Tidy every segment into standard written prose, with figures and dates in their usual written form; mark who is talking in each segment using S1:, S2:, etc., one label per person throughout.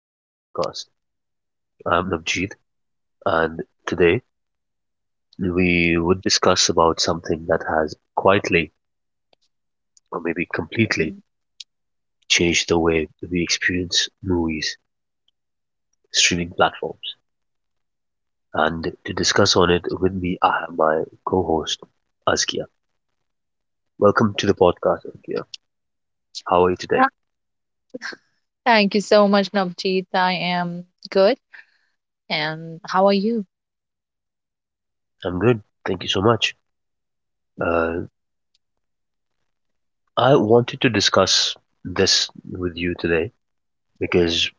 S1: to the podcast. I'm Navjeet and today we would discuss about something that has quietly or maybe completely
S2: Mm.
S1: changed the way we experience movies, streaming platforms. And to discuss on it with me, I have my co-host Askia. Welcome to the podcast, Askia. How are you today?
S2: Yeah. Thank you so much, Navjeet. I am good. And how are you?
S1: I'm good. Thank you so much. Uh, I wanted to discuss this with you today because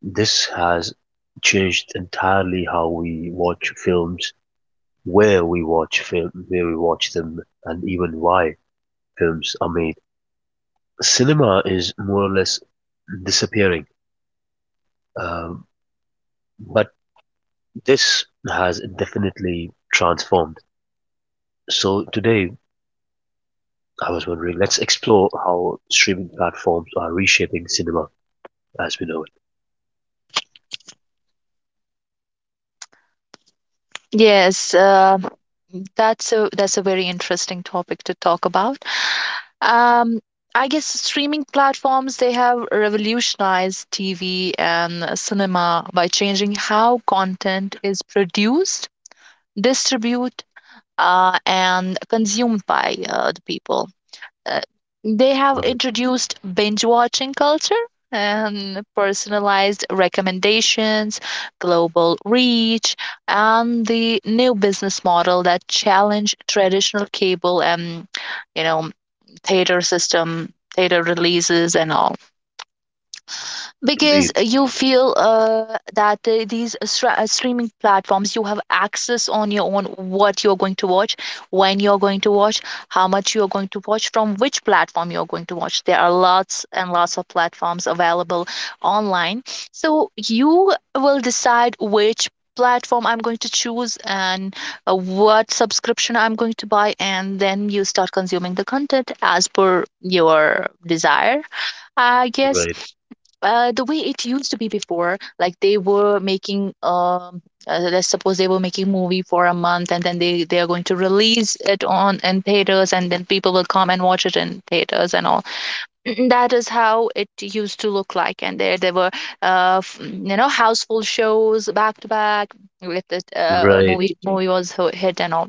S1: this has changed entirely how we watch films, where we watch film, where we watch them, and even why films are made. Cinema is more or less disappearing, um, but this has definitely transformed. So today, I was wondering, let's explore how streaming platforms are reshaping cinema as we know it.
S2: Yes, uh, that's a very interesting topic to talk about. Um, I guess streaming platforms they have revolutionized TV and cinema by changing how content is produced, distributed, and consumed by the people. Uh, they have
S1: Right,
S2: introduced binge watching culture and personalized recommendations, global reach, and the new business model that challenge traditional cable and you know theater system, theater releases, and all because
S1: indeed,
S2: you feel that these streaming platforms you have access on your own what you're going to watch when you're going to watch how much you're going to watch from which platform you're going to watch. There are lots and lots of platforms available online, so you will decide which platform I'm going to choose, and what subscription I'm going to buy, and then you start consuming the content as per your desire, I guess.
S1: right,
S2: The way it used to be before, like they were making let's suppose they were making movie for a month, and then they are going to release it on in theaters, and then people will come and watch it in theaters and all. That is how it used to look like, and there were you know, houseful shows back to back if the
S1: right,
S2: movie was hit and all.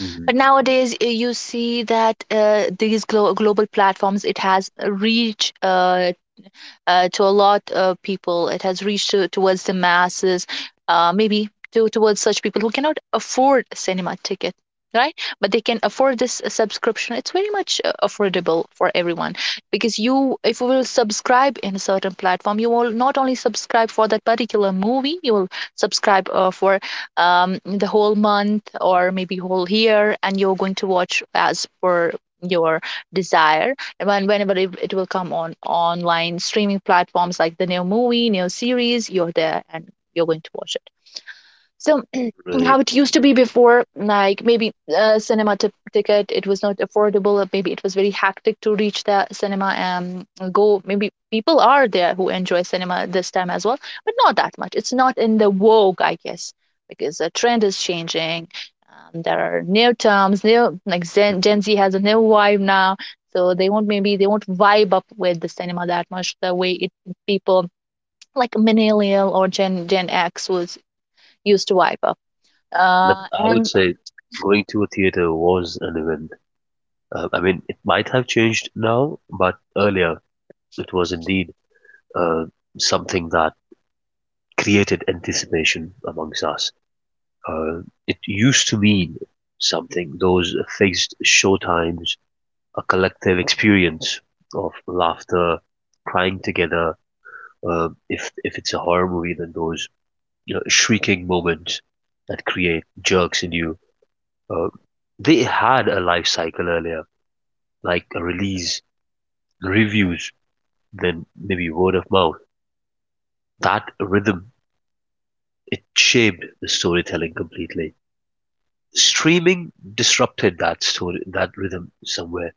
S1: mhm, right.
S2: But nowadays you see that these global platforms, it has reached to a lot of people. It has reached to, towards the masses, maybe to, towards such people who cannot afford a cinema ticket. Right, but they can afford this subscription. It's very much affordable for everyone, because you, if you will subscribe in a certain platform, you will not only subscribe for that particular movie, you will subscribe for the whole month or maybe whole year, and you're going to watch as per your desire when whenever it, it will come on online streaming platforms like the new movie, new series, you're there and you're going to watch it. So
S1: Mm-hmm,
S2: how
S1: right.
S2: it used to be before, like maybe a cinema ticket, it was not affordable, or maybe it was very hectic to reach the cinema and go. Maybe people are there who enjoy cinema this time as well, but not that much. It's not in the vogue, I guess, because the trend is changing. There are new terms, new, like Gen
S1: Mm-hmm.
S2: gen Z has a new vibe now, so they won't, maybe they won't vibe up with the cinema that much the way it people like millennial or gen X was used to vibe up.
S1: But
S2: Yeah.
S1: I would
S2: And
S1: say going to a theater was an event. I mean, it might have changed now, but earlier it was indeed uh, something that created anticipation amongst us. Uh, it used to mean something, those fixed showtimes, a collective experience of laughter, crying together. If it's a horror movie, then those shrieking moments that create jerks in you Uh, they had a life cycle earlier, like a release, reviews, then maybe word of mouth. That rhythm, it shaped the storytelling completely. Streaming disrupted that story, that rhythm somewhere.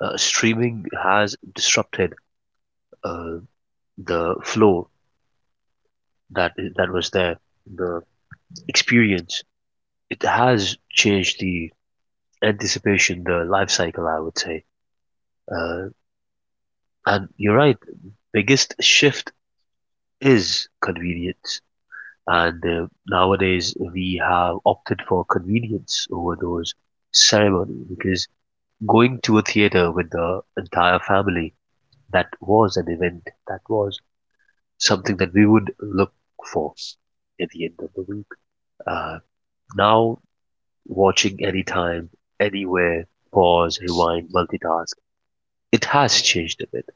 S1: Streaming has disrupted uh, the flow that was there, the experience. It has changed the anticipation, the life cycle, I would say. Uh, and you're right, biggest shift is convenience, and nowadays we have opted for convenience over those ceremony because going to a theater with the entire family, that was an event, that was something that we would look for at the end of the week. Uh, Now, watching anytime, anywhere, pause, rewind, multitask, it has changed a bit.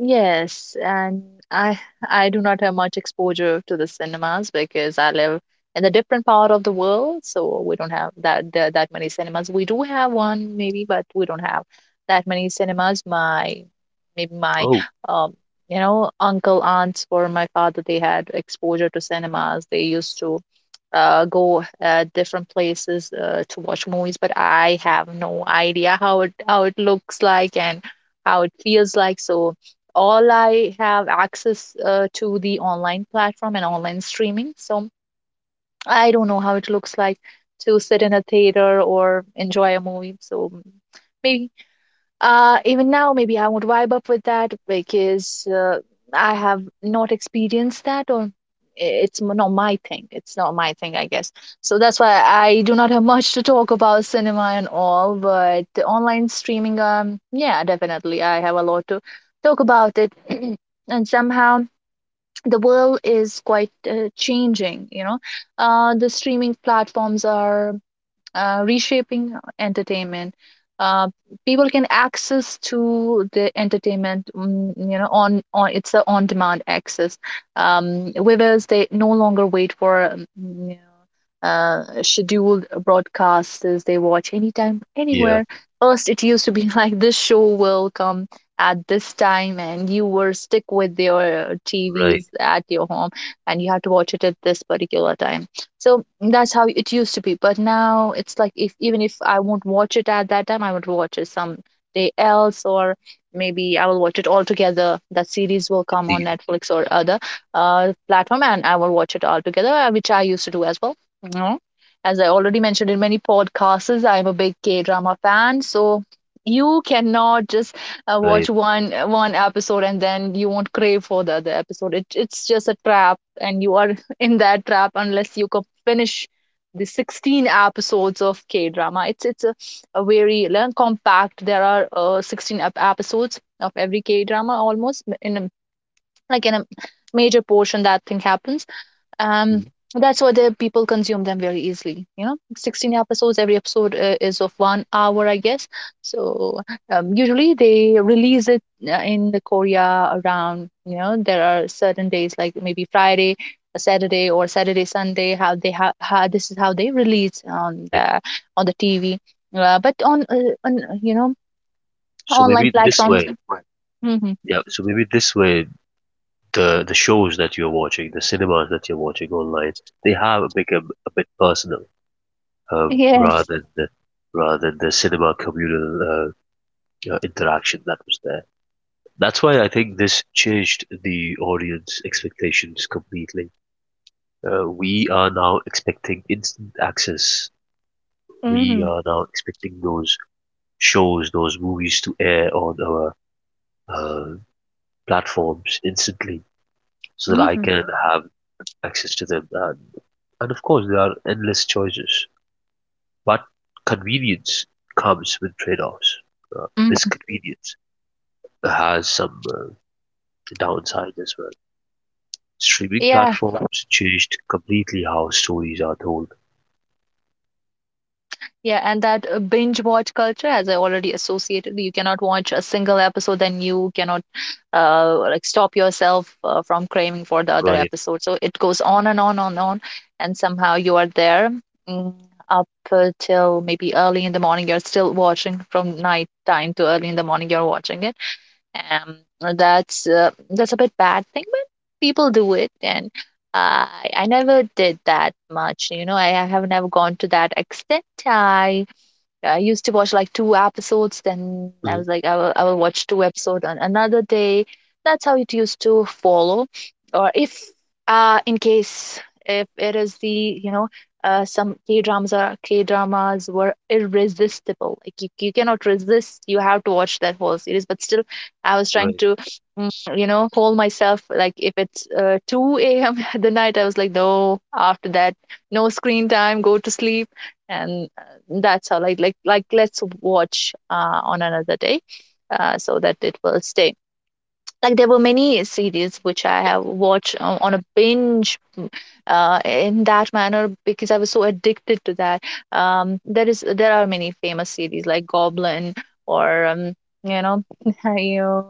S2: yes, and I I do not have much exposure to the cinemas because I live in a different part of the world, so we don't have that many cinemas. We do have one maybe, but we don't have that many cinemas. My maybe my
S1: Oh,
S2: um you know, uncle aunts or my father, they had exposure to cinemas. They used to go different places to watch movies, but I have no idea how it looks like and how it feels like. So all I have access to the online platform and online streaming. So I don't know how it looks like to sit in a theater or enjoy a movie. So maybe even now, maybe I won't vibe up with that, because I have not experienced that, it's not my thing. It's not my thing, I guess. So that's why I do not have much to talk about cinema and all. But the online streaming, yeah, definitely, I have a lot to talk about it. And somehow the world is quite changing, you know. The streaming platforms are reshaping entertainment. Uh, people can access to the entertainment, mm, you know, on it's a on-demand access. Viewers, they no longer wait for you know, scheduled broadcasts. They watch anytime,
S1: yeah,
S2: anywhere. First, it used to be like this show will come at this time, and you were stick with your
S1: right,
S2: TVs at your home, and you had to watch it at this particular time. So that's how it used to be. But now it's like if even if I won't watch it at that time, I would watch it someday else, or maybe I will watch it all together. That series will come on
S1: indeed,
S2: Netflix or other platform, and I will watch it all together, which I used to do as well. You know, as I already mentioned in many podcasts, I'm a big K drama fan, so you cannot just watch
S1: right,
S2: one episode and then you won't crave for the other episode. It, it's just a trap, and you are in that trap unless you finish the 16 episodes of K drama. It's a very compact. There are 16 episodes of every K drama almost in a, like in a major portion that thing happens. um
S1: mm,
S2: that's why the people consume them very easily, you know, 16 episodes, every episode is of 1 hour, I guess. So usually they release it in the Korea, around, you know, there are certain days like maybe Friday Saturday or Saturday Sunday, how they have how this is how they release
S1: right.
S2: on the TV, but on you know,
S1: So
S2: online
S1: maybe this
S2: platforms.
S1: way
S2: Hmm.
S1: Yeah, so maybe this way, the shows that you're watching, the cinemas that you're watching online, they have become a bit personal, um,
S2: Yes.
S1: rather than the, rather than the cinema communal interaction that was there. That's why I think this changed the audience expectations completely. We are now expecting instant access. We
S2: Hmm.
S1: are now expecting those shows, those movies to air on our uh, platforms instantly, so that I
S2: Hmm.
S1: can have access to them. And of course there are endless choices, but convenience comes with trade-offs. This
S2: Hmm.
S1: convenience has some downside as well. Streaming
S2: Yeah.
S1: platforms changed completely how stories are told.
S2: Yeah, and that binge watch culture, as I already associated, you cannot watch a single episode, then you cannot like stop yourself from craving for the other
S1: Right.
S2: episode. So it goes on and on and on, and somehow you are there, mm, up till maybe early in the morning. You're still watching from night time to early in the morning. You're watching it, um, that's a bit bad thing, but people do it, and I never did that much. You know, I have never gone to that extent. I used to watch like two episodes, then I
S1: Mhm.
S2: was like, I will watch two episodes on another day. That's how it used to follow. Or if, in case if it is the, you know, some K dramas were irresistible. Like you cannot resist. You have to watch that whole series. But still, I was trying
S1: Right,
S2: to, mm, you know, hold myself. Like if it's 2 a.m. at the night, I was like, no. After that, no screen time. Go to sleep, and that's all. Like let's watch on another day, so that it will stay. Like there were many series which I have watched on a binge, mm, in that manner because I was so addicted to that. There are many famous series like Goblin or you know, you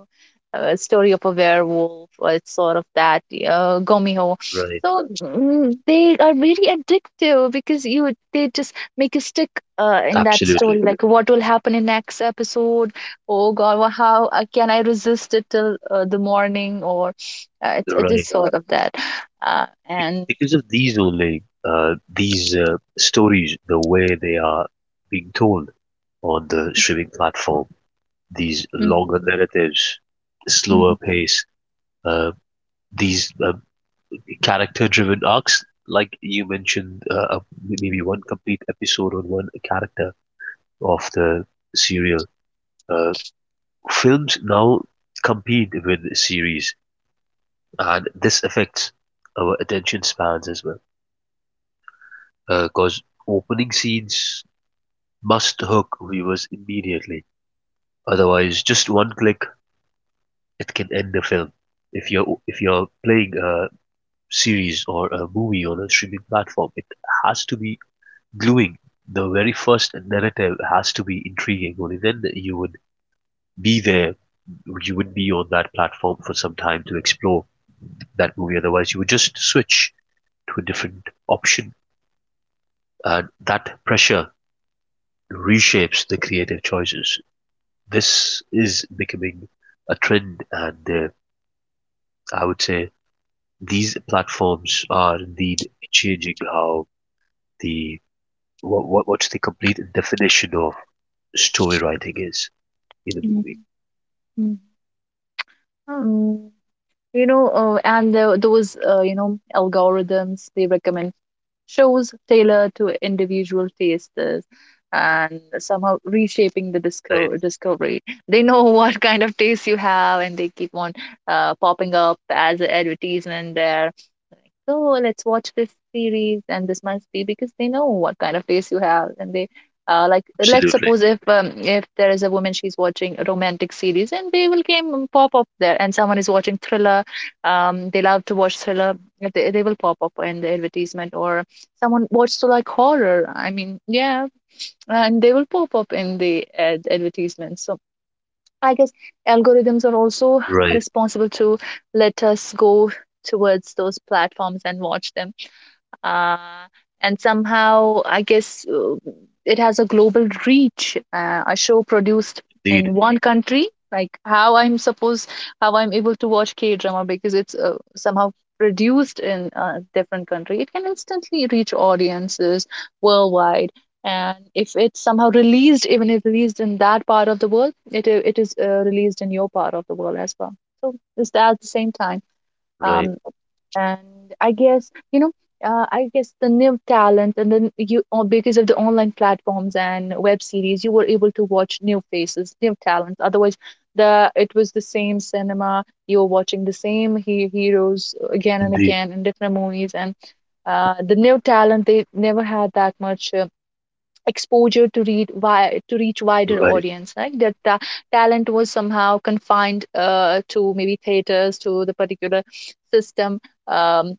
S2: story of a werewolf, or it's sort of that Gomiho.
S1: right.
S2: So, mm, they are very addictive, because you they just make you stick in that story,
S1: Absolutely,
S2: like what will happen in next episode. Oh God, well, how can I resist it till the morning? Or it, it is
S1: right.
S2: sort of that. And
S1: Because of these only, these stories, the way they are being told on the streaming platform, these
S2: mm,
S1: longer narratives, slower
S2: mm,
S1: pace, uh, these character-driven arcs. Like you mentioned, maybe one complete episode on one character of the serial. Uh, Films now compete with series, and this affects our attention spans as well. Because opening scenes must hook viewers immediately. Otherwise, just one click, it can end the film. If you're playing a series or a movie on a streaming platform, it has to be gluing the very first narrative has to be intriguing. Only then you would be there, you would be on that platform for some time to explore that movie. Otherwise, you would just switch to a different option, and that pressure reshapes the creative choices. This is becoming a trend, and I would say these platforms are indeed changing how the what what's the complete definition of story writing is in a
S2: mm,
S1: movie.
S2: mm. Um, you know, and the, those you know, algorithms, they recommend shows tailored to individual tastes and somehow reshaping the
S1: Right.
S2: discovery. They know what kind of taste you have, and they keep on popping up as an advertisement there, so let's watch this series. And this must be because they know what kind of taste you have, and they like, let's
S1: Absolutely.
S2: suppose if there is a woman, she's watching a romantic series and they will came, pop up there. And someone is watching thriller, they love to watch thriller, they will pop up in the advertisement. Or someone watches to like horror, I mean, yeah, and they will pop up in the advertisement. So I guess algorithms are also
S1: Right.
S2: responsible to let us go towards those platforms and watch them. uh, and somehow I guess it has a global reach. A show produced in
S1: Indeed.
S2: one country, like how I'm supposed, how I'm able to watch K drama, because it's somehow produced in a different country, it can instantly reach audiences worldwide. And if it's somehow released, even if released in that part of the world, it it is released in your part of the world as well. So it's that at the same time. Um,
S1: Right.
S2: and I guess, you know, I guess the new talent, and then you, or because of the online platforms and web series, you were able to watch new faces, new talents. Otherwise, the it was the same cinema. You were watching the same he heroes again and
S1: Indeed.
S2: again in different movies, and the new talent, they never had that much. Exposure to to reach wider
S1: Right.
S2: audience, like talent was somehow confined to maybe theaters, to the particular system. um,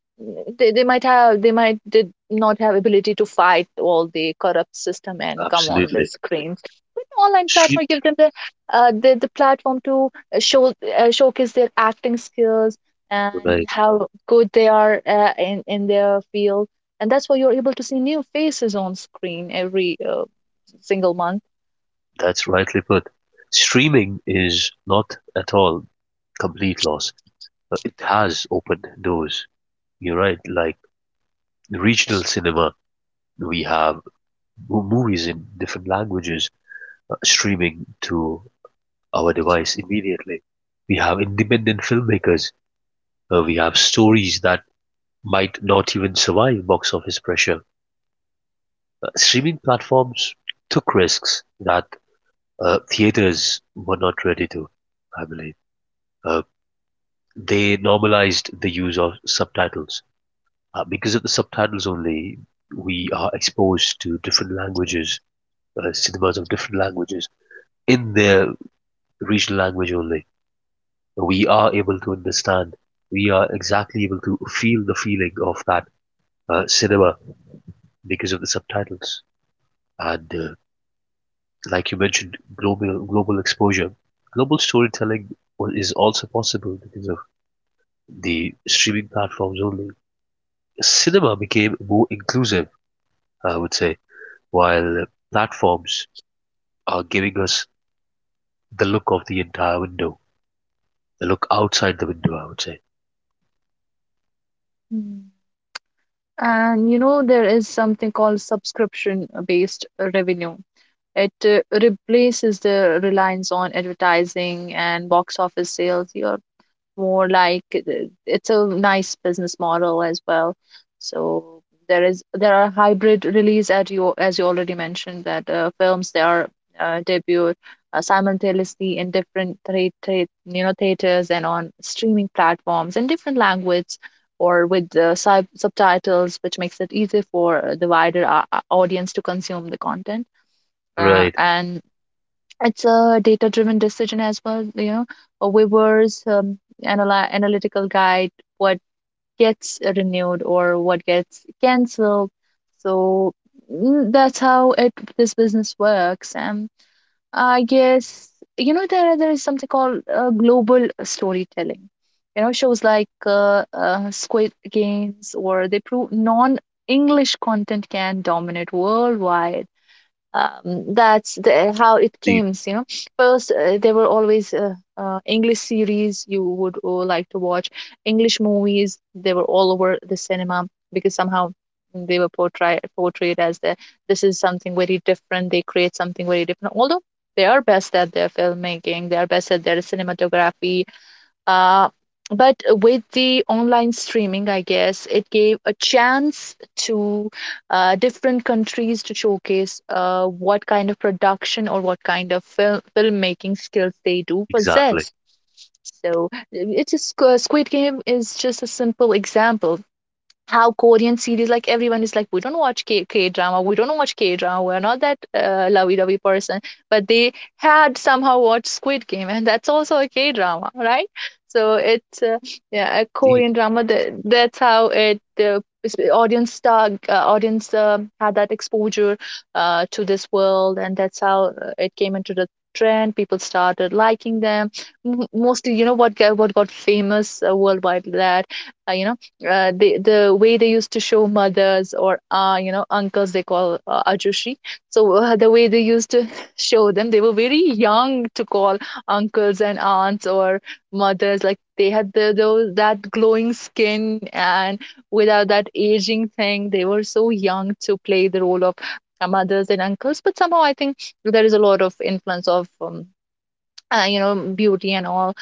S2: they might have, they might did not have ability to fight all the corrupt system and come on the
S1: Absolutely.
S2: screens. Online
S1: Stream.
S2: platform give them the the platform to showcase their acting skills and
S1: Right.
S2: how good they are in their field. And that's why you're able to see new faces on screen every single month.
S1: That's rightly put. Streaming is not at all complete loss, but it has opened doors. You're right. Like regional cinema, we have movies in different languages streaming to our device immediately. We have independent filmmakers. We have stories that might not even survive box office pressure. Streaming platforms took risks that theaters were not ready to, I believe. Uh, they normalized the use of subtitles. Because of the subtitles only, we are exposed to different languages, cinemas of different languages, in their regional language only. We are able to understand, we are exactly able to feel the feeling of that cinema because of the subtitles. And like you mentioned, global exposure. Global storytelling is also possible because of the streaming platforms only. Cinema became more inclusive, I would say, while platforms are giving us the look of the entire window, the look outside the window, I would say.
S2: Mm. And you know, there is something called subscription based revenue. It replaces the reliance on advertising and box office sales. Your more like, it's a nice business model as well. So there are hybrid release at, you, as you already mentioned, that films, they are debut simultaneously in different you know theaters and on streaming platforms in different language, or with the subtitles, which makes it easy for the wider audience to consume the content. Uh,
S1: Right,
S2: and it's a data driven decision as well, you know, a weaver's analytical guide, what gets renewed or what gets canceled. So that's how it this business works. And I guess, you know, there is something called global storytelling. You know, shows like Squid Games, or they prove non english content can dominate worldwide. That's the how it
S1: indeed,
S2: came, you know. First there were always english series you would like to watch. English movies, they were all over the cinema, because somehow they were portrayed as the, this is something very different, they create something very different. Although they are best at their filmmaking, they are best at their cinematography, uh, but with the online streaming, I guess it gave a chance to different countries to showcase what kind of production or what kind of filmmaking skills they do
S1: exactly,
S2: possess. So it is, Squid Game is just a simple example how Korean series, like everyone is like, we don't watch K drama, we don't watch K drama, we're not that lovey dovey person. But they had somehow watched Squid Game, and that's also a K drama, right? So it's yeah, a
S1: indeed,
S2: Korean drama. That's how it audience stuck, audience had that exposure to this world, and that's how it came into the trend. People started liking them. Mostly, you know what got famous worldwide, that you know they, the way they used to show mothers, or you know uncles, they call ajushi. So the way they used to show them, they were very young to call uncles and aunts, or mothers. Like they had the, those that glowing skin, and without that aging thing, they were so young to play the role of mothers and uncles. But somehow I think there is a lot of influence of you know, beauty and all,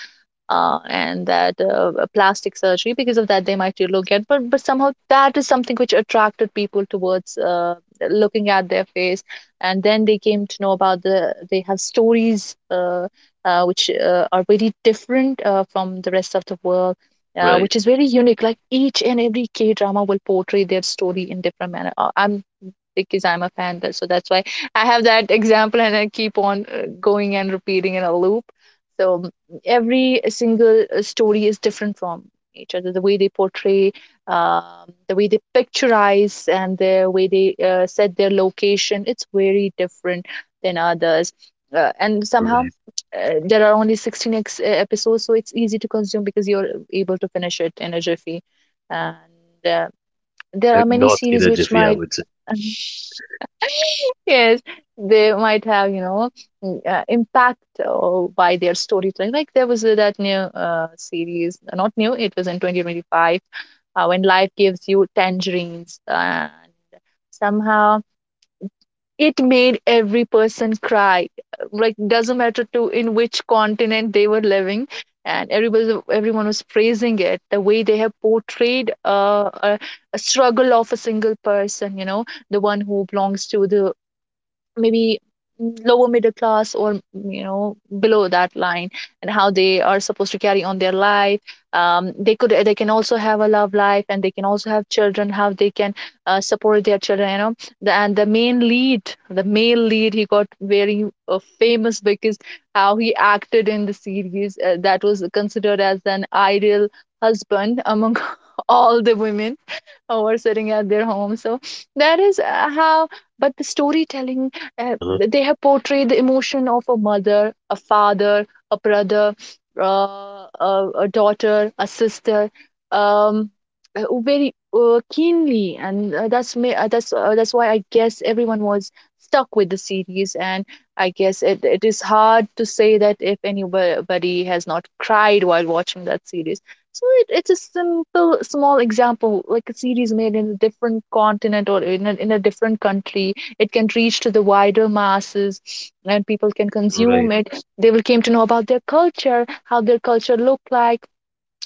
S2: and that plastic surgery. Because of that they might look at, but somehow that is something which attracted people towards looking at their face. And then they came to know about they have stories, which are very different from the rest of the world, which
S1: right,
S2: is very unique. Like each and every K drama will portray their story in different manner. I'm because I'm a fan. But so that's why I have that example and I keep on going and repeating in a loop. So every single story is different from each other. The way they portray, um, the way they picturize, and the way they set their location, it's very different than others. And somehow
S1: right.
S2: there are only 16 episodes, so it's easy to consume because you're able to finish it in a jiffy. And uh, there are many
S1: Not in
S2: series
S1: a
S2: which
S1: jiffy, I
S2: might.
S1: would say.
S2: Yes, they might have, you know, impact by their storytelling. Like there was that new series, not new, it was in 2025, when life gives you tangerines, and somehow it made every person cry. Like doesn't matter to in which continent they were living, and everybody, everyone was praising it. The way they have portrayed a struggle of a single person, you know, the one who belongs to the maybe lower middle class, or you know, below that line. And how they are supposed to carry on their life. They could, they can also have a love life, and they can also have children. How they can support their children, you know, and the main lead, the male lead, he got very famous because how he acted in the series, that was considered as an ideal husband among all the women or sitting at their home. So that is how, but the storytelling,
S1: Uh-huh.
S2: they have portrayed the emotion of a mother, a father, a brother, a daughter, a sister. Um, very keenly, and that's me that's why I guess everyone was stuck with the series. And I guess it is hard to say that if anybody has not cried while watching that series. So it's a simple, small example, like a series made in a different continent, or in a different country. It can reach to the wider masses, and people can consume
S1: Right,
S2: it. They will came to know about their culture, how their culture looked like,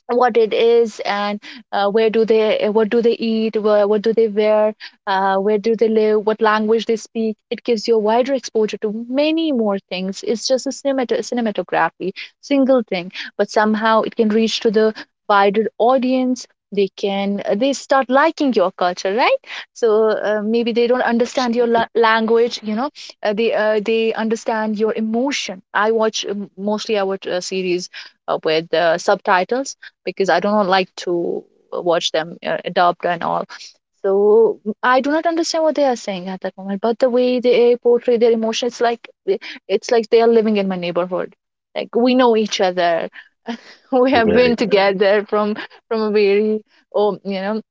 S2: what it is, and where do they what do they eat, what do they wear, where do they live, what language they speak. It gives you a wider exposure to many more things. It's just a cinematography single thing, but somehow it can reach to the wider audience. They can they start liking your culture, right? So maybe they don't understand your
S1: absolutely.
S2: language, you know, they understand your emotion. I watch series with subtitles, because I don't like to watch them adopt and all. So I do not understand what they are saying at that moment. But the way they portray their emotions, like it's like they are living in my neighborhood. Like we know each other, we have been
S1: Right,
S2: together from a very, oh, you know,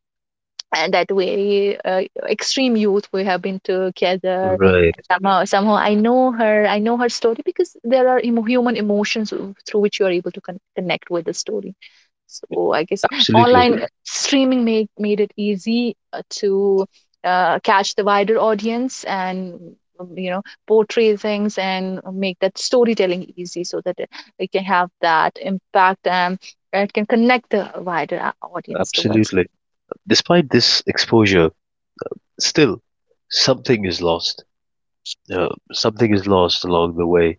S2: and that very extreme youth we have been together.
S1: right,
S2: Somehow I know her story, because there are human emotions through which you are able to connect with the story. So I guess
S1: absolutely,
S2: online streaming made it easy to catch the wider audience, and you know, portray things and make that storytelling easy so that it can have that impact, and it can connect the wider audience towards it.
S1: absolutely. Despite this exposure, still, something is lost. Something is lost along the way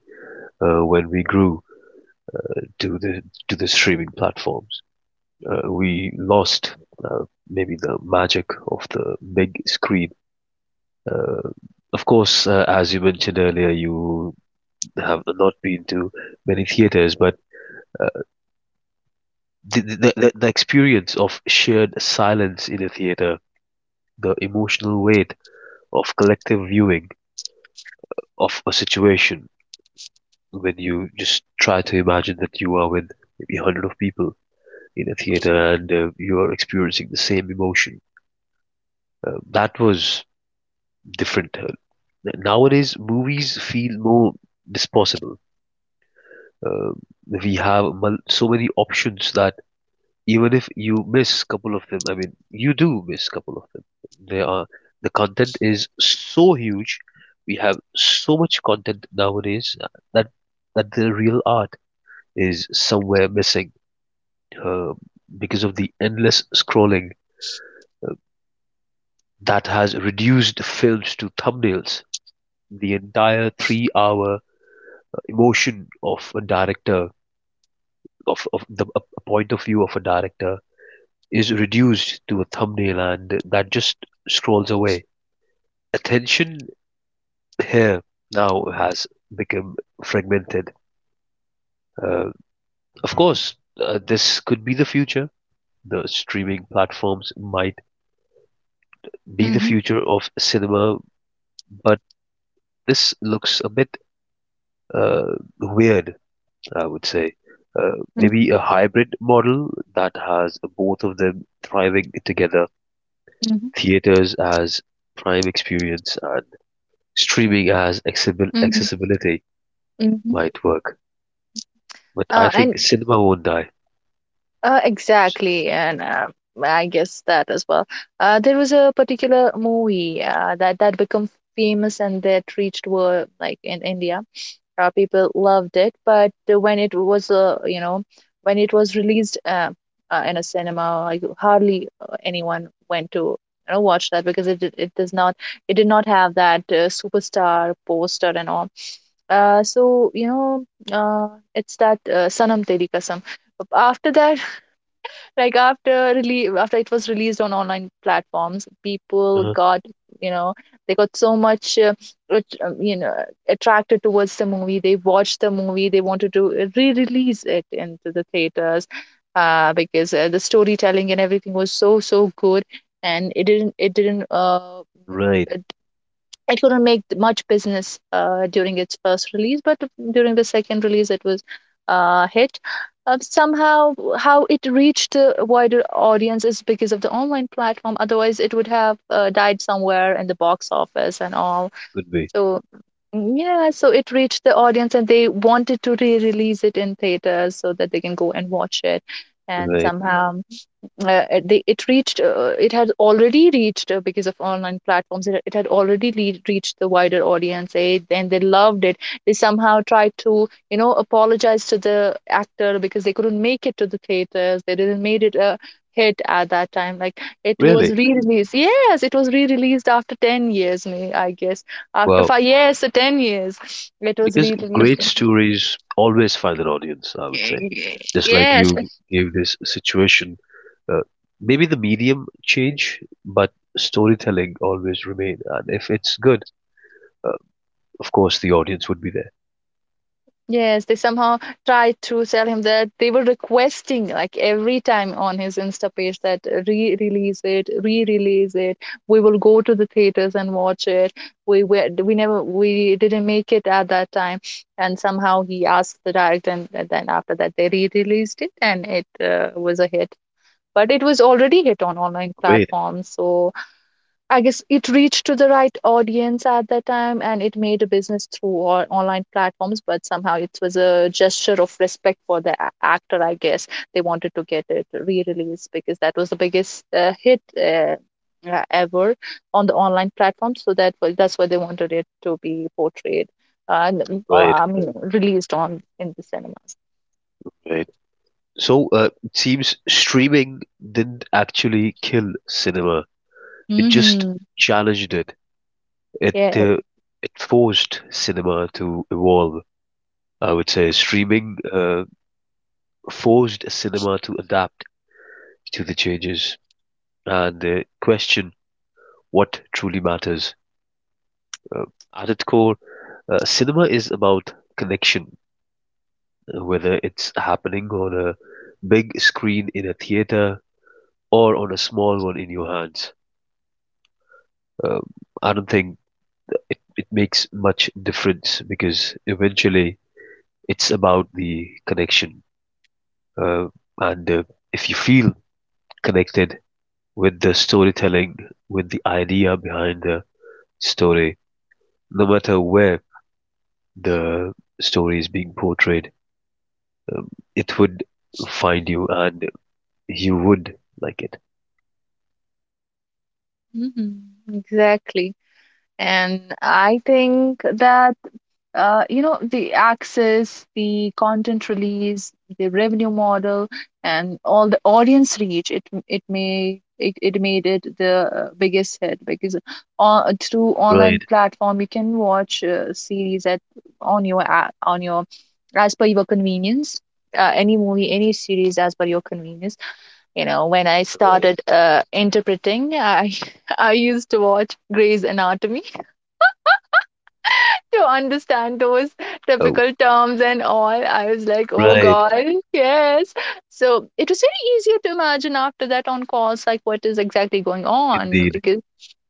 S1: when we grew to the streaming platforms. We lost maybe the magic of the big screen. Uh, of course, as you mentioned earlier, you have not been to many theaters, but uh, the experience of shared silence in a theater, the emotional weight of collective viewing of a situation when you just try to imagine that you are with maybe a hundred of people in a theater and you are experiencing the same emotion. That was different. Nowadays, movies feel more disposable. Uh, we have so many options that even if you miss a couple of them, I mean, you do miss a couple of them. There are the content is so huge. We have so much content nowadays that that the real art is somewhere missing uh, because of the endless scrolling that has reduced films to thumbnails. The entire 3-hour emotion of a director, of the a point of view of a director, is reduced to a thumbnail and that just scrolls away. Attention here now has become fragmented. Uh, of course, this could be the future. The streaming platforms might be the
S2: Mm-hmm.
S1: future of cinema, but this looks a bit uh, weird, I would say. Maybe a hybrid model that has both of them thriving together,
S2: Mm-hmm.
S1: theaters as prime experience and streaming as
S2: Mm-hmm.
S1: accessibility
S2: Mm-hmm. Mhm.
S1: might work. But I
S2: And
S1: think cinema won't die.
S2: Exactly, and I guess that as well. There was a particular movie that become famous, and that reached world, like in India. People loved it, but when it was when it was released in a cinema, like hardly anyone went to, you know, watch that, because it does not it did not have that superstar poster and all. So you know, uh, it's that Sanam Teri Kasam. After that, after release, after it was released on online platforms, people
S1: uh
S2: got, you know, they got so much you know, attracted towards the movie. They watched the movie, they wanted to re-release it into the theaters, because the storytelling and everything was so so good, and it didn't you know,
S1: Right,
S2: it couldn't make much business during its first release, but during the second release, it was hit. Somehow, how it reached a wider audience is because of the online platform. Otherwise, it would have died somewhere in the box office and all.
S1: could be.
S2: So yeah, so it reached the audience, and they wanted to re-release it in theaters, so that they can go and watch it. And
S1: Right.
S2: somehow, it reached, it had already reached, because of online platforms it had already reached the wider audience, and they loved it. They somehow tried to, you know, apologize to the actor because they couldn't make it to the theaters, they didn't made it a hit at that time. Like it was
S1: Really?
S2: re-released, yes, it was re-released after 10 years, may I guess, after
S1: Wow.
S2: five, yes, 10 years, it was
S1: Because
S2: re-released.
S1: great stories always find an audience, I would say.
S2: Okay.
S1: Just like you
S2: Yes,
S1: gave this situation, uh, maybe the medium change, but storytelling always remain, and if it's good, uh, of course the audience would be there.
S2: yes, they somehow tried to tell him that they were requesting, like every time on his Insta page, that re-release it, re-release it. We will go to the theaters and watch it. We never, we didn't make it at that time, and somehow he asked the director, and then after that they re-released it, and it was a hit. But it was already hit on online
S1: Great.
S2: platforms, so I guess it reached to the right audience at that time, and it made a business through all online platforms. But somehow it was a gesture of respect for the actor, I guess. They wanted to get it re released because that was the biggest hit ever on the online platform. So that was, that's why they wanted it to be portrayed
S1: Right.
S2: I mean, released on in the cinemas.
S1: Right. So it seems streaming didn't actually kill cinema. It just
S2: Hmm.
S1: challenged it. it
S2: Yeah.
S1: uh, it forced cinema to evolve. I would say streaming forced cinema to adapt to the changes and question what truly matters. Uh, at its core, cinema is about connection, whether it's happening on a big screen in a theater or on a small one in your hands. Um, I don't think it makes much difference because eventually it's about the connection. uh, and if you feel connected with the storytelling, with the idea behind the story, no matter where the story is being portrayed, it would find you and you would like it.
S2: Mm-hmm. Exactly. And I think that you know, the access, the content release, the revenue model, and all the audience reach. It may it made it the biggest hit, because on, through online
S1: Right,
S2: platform, you can watch series at, on your, as per your convenience. Any movie, any series, as per your convenience. You know, when I
S1: right.
S2: started interpreting, I I used to watch Grey's Anatomy to understand those
S1: Oh,
S2: typical terms and all. I was like, oh
S1: right.
S2: God, yes. So it was very easier to imagine after that on calls, like what is exactly going on
S1: Indeed.
S2: because.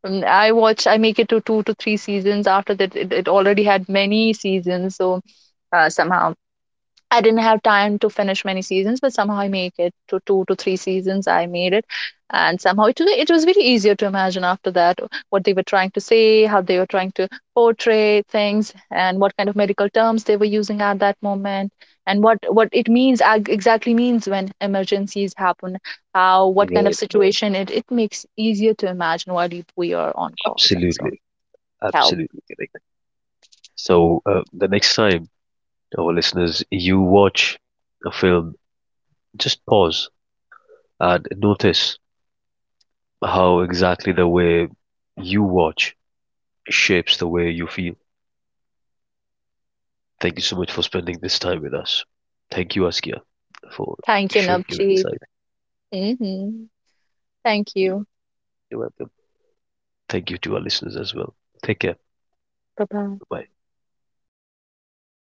S2: I watch, I make it to two to three seasons after that. It already had many seasons, so somehow I didn't have time to finish many seasons, but somehow I make it to two to three seasons. I made it, and somehow it was very easier to imagine after that what they were trying to say, how they were trying to portray things, and what kind of medical terms they were using at that moment, and what it means exactly means when emergencies happen, how what kind of
S1: Right.
S2: situation it makes easier to imagine while we are on calls and so on.
S1: Absolutely.
S2: Help.
S1: Absolutely correct. So, the next time, our listeners, you watch a film, just pause and notice how exactly the way you watch shapes the way you feel. Thank you so much for spending this time with us. Thank you, Askia, for
S2: Thank you,
S1: sharing your
S2: Navjeet.
S1: insight.
S2: Hmm. Thank you.
S1: You're welcome. Thank you to our listeners as well. Take care.
S2: Bye bye.
S1: Bye.